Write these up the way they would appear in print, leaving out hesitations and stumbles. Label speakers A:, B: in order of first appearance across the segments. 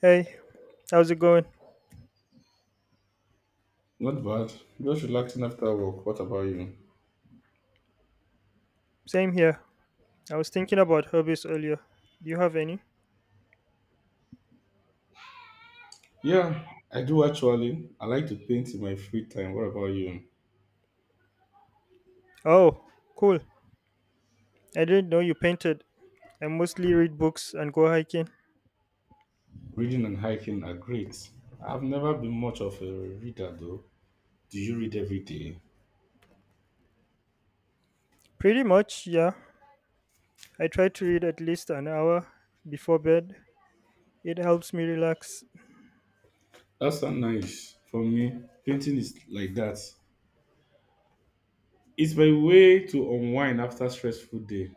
A: Hey, how's it going?
B: Not bad. Just relaxing after work. What about you?
A: Same here. I was thinking about hobbies earlier. Do you have any?
B: Yeah, I do actually. I like to paint in my free time. What about you?
A: Oh, cool. I didn't know you painted. I mostly read books and go hiking.
B: Reading and hiking are great. I've never been much of a reader though. Do you read every day?
A: Pretty much, yeah. I try to read at least an hour before bed. It helps me relax.
B: That's so nice. For me, painting is like that. It's my way to unwind after stressful day.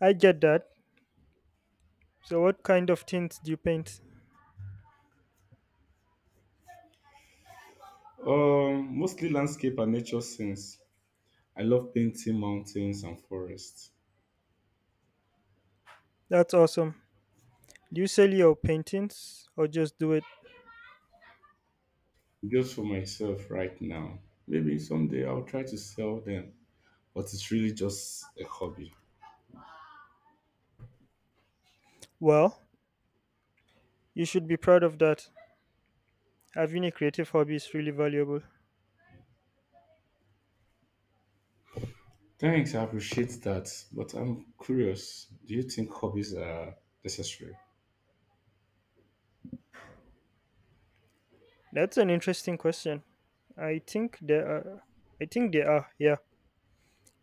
A: I get that. So, what kind of things do you paint?
B: Mostly landscape and nature scenes. I love painting mountains and forests.
A: That's awesome. Do you sell your paintings or just do it?
B: Just for myself right now. Maybe someday I'll try to sell them, but it's really just a hobby.
A: Well, you should be proud of that. Having a creative hobby is really valuable.
B: Thanks, I appreciate that. But I'm curious, do you think hobbies are necessary?
A: That's an interesting question. I think there are. I think there are. Yeah,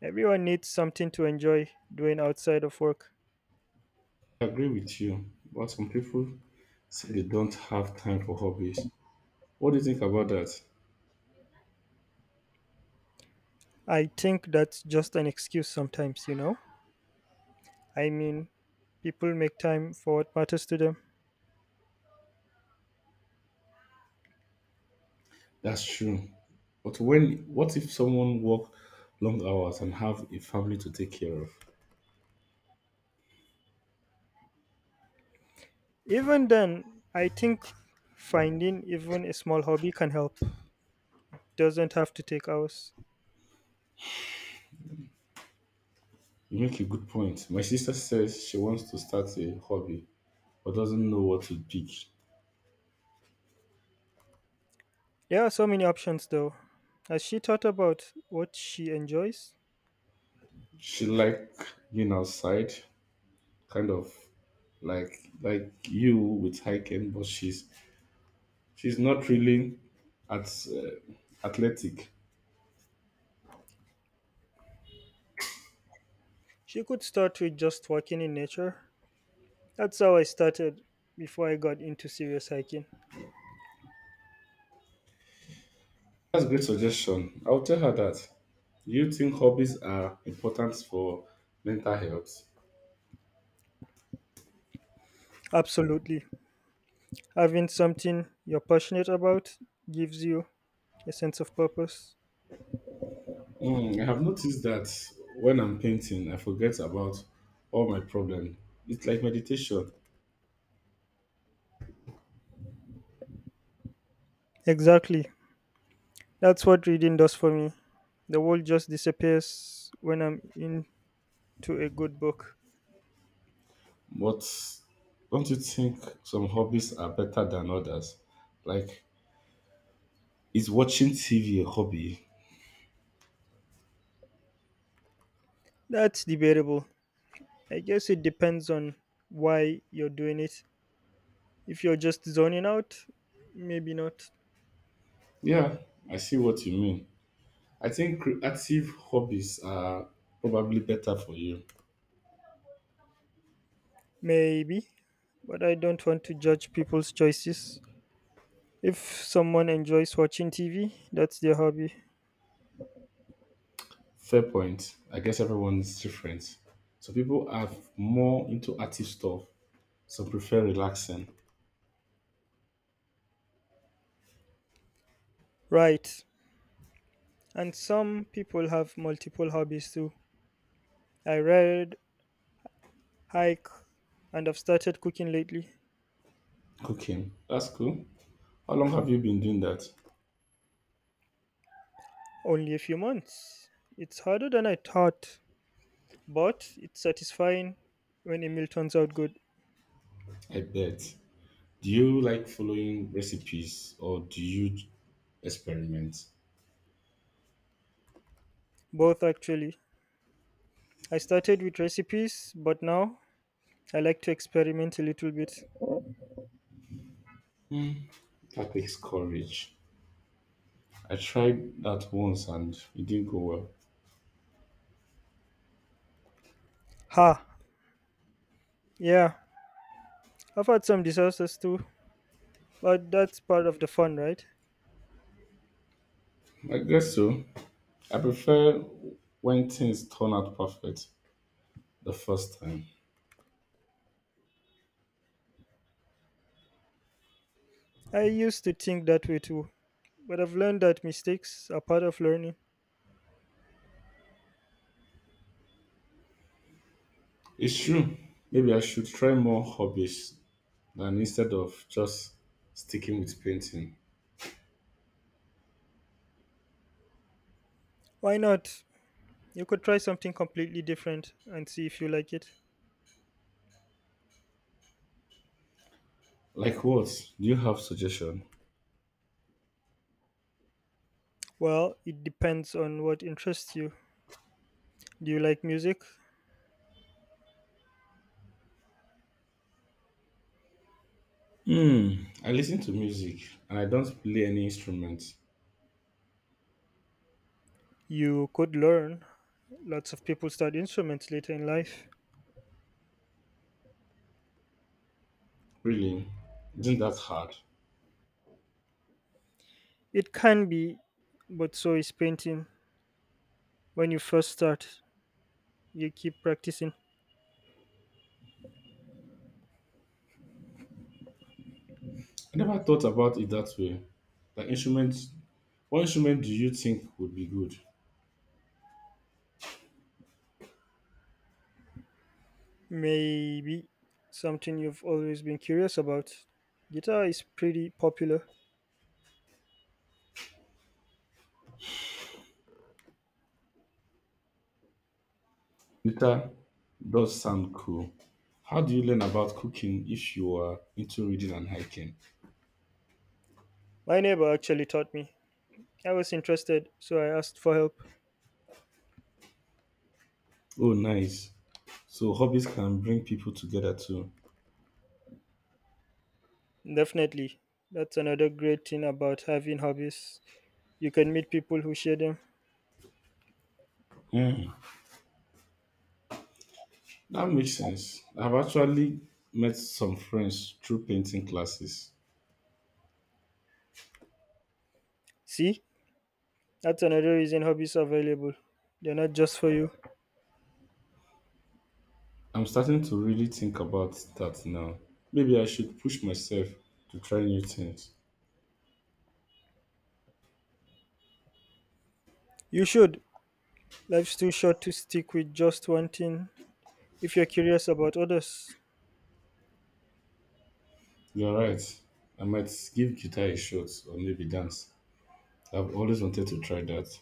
A: everyone needs something to enjoy doing outside of work.
B: I agree with you, but some people say they don't have time for hobbies. What do you think about that?
A: I think that's just an excuse sometimes. I mean, people make time for what matters to them.
B: That's true. But when what if someone work long hours and have a family to take care of?
A: Even then, I think finding even a small hobby can help. Doesn't have to take hours.
B: You make a good point. My sister says she wants to start a hobby but doesn't know what to pick.
A: There are so many options though. As she thought about what she enjoys,
B: She like being outside, kind of like you with hiking, but she's not really at athletic.
A: she could start with just walking in nature. That's how I started before I got into serious hiking.
B: That's a great suggestion. I'll tell her that. Do you think hobbies are important for mental health?
A: Absolutely. Having something you're passionate about gives you a sense of purpose.
B: Hmm, I have noticed that when I'm painting, I forget about all my problems. It's like meditation.
A: Exactly. That's what reading does for me. The world just disappears when I'm into a good book.
B: But don't you think some hobbies are better than others? Like, is watching TV a hobby?
A: That's debatable. I guess it depends on why you're doing it. If you're just zoning out, maybe not.
B: Yeah, I see what you mean. I think active hobbies are probably better for you.
A: Maybe. But I don't want to judge people's choices. If someone enjoys watching TV, that's their hobby.
B: Fair point. I guess everyone's different. So people are more into active stuff. Some prefer relaxing.
A: Right. And some people have multiple hobbies too. I read, hike, and I've started cooking lately.
B: Cooking. That's cool. How long have you been doing that?
A: Only a few months. It's harder than I thought, but it's satisfying when a meal turns out good.
B: I bet. Do you like following recipes or do you experiment?
A: Both actually. I started with recipes, but now I like to experiment a little bit.
B: That takes courage. I tried that once and it didn't go well.
A: Ha! Yeah, I've had some disasters too, but that's part of the fun, right?
B: I guess so. I prefer when things turn out perfect the first time.
A: I used to think that way too, but I've learned that mistakes are part of learning.
B: It's true. Maybe I should try more hobbies than instead of just sticking with painting.
A: Why not? You could try something completely different and see if you like it.
B: Like what? Do you have suggestion?
A: Well, it depends on what interests you. Do you like music?
B: Hmm. I listen to music and I don't play any instrument.
A: You could learn. Lots of people start instruments later in life.
B: Really? Isn't that hard?
A: It can be, but so is painting. When you first start, you keep practicing.
B: I never thought about it that way. The instrument. What instrument do you think would be good?
A: Maybe something you've always been curious about. Guitar is pretty popular.
B: Guitar does sound cool. How do you learn about cooking if you are into reading and hiking?
A: My neighbor actually taught me. I was interested, so I asked for help.
B: Oh, nice. So hobbies can bring people together too.
A: Definitely. That's another great thing about having hobbies. You can meet people who share them.
B: Mm. That makes sense. I've actually met some friends through painting classes.
A: See, that's another reason hobbies are available. They're not just for you.
B: I'm starting to really think about that now. Maybe I should push myself to try new things.
A: You should. Life's too short to stick with just one thing if you're curious about others.
B: You're right. I might give guitar a shot or maybe dance. I've always wanted to try that.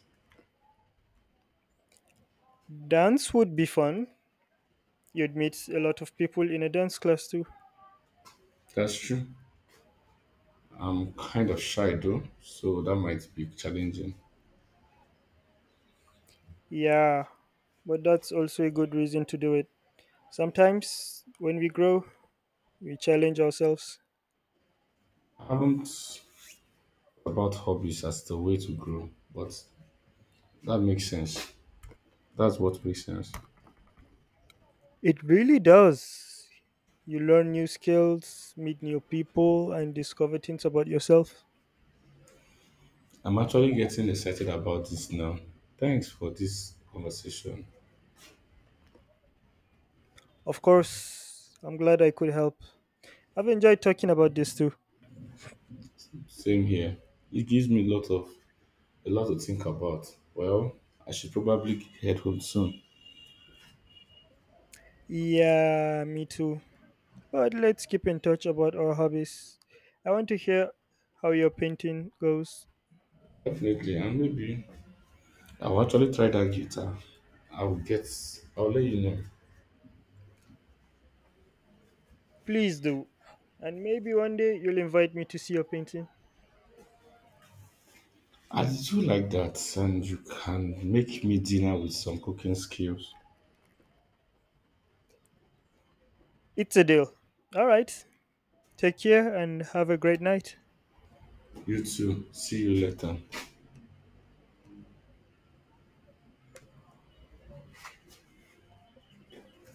A: Dance would be fun. You'd meet a lot of people in a dance class too.
B: That's true. I'm kind of shy though, so that might be challenging.
A: Yeah, but that's also a good reason to do it. Sometimes, when we grow, we challenge ourselves.
B: I haven't thought about hobbies as the way to grow, but that makes sense. That's what makes sense.
A: It really does. You learn new skills, meet new people, and discover things about yourself.
B: I'm actually getting excited about this now. Thanks for this conversation.
A: Of course, I'm glad I could help. I've enjoyed talking about this too.
B: Same here. It gives me a lot to think about. Well, I should probably head home soon.
A: Yeah, me too. But let's keep in touch about our hobbies. I want to hear how your painting goes.
B: Definitely, and maybe I'll actually try that guitar. I'll get. I'll let you know.
A: Please do. And maybe one day you'll invite me to see your painting.
B: I do like that, and you can make me dinner with some cooking skills.
A: It's a deal. All right. Take care and have a great night.
B: You too. See you later.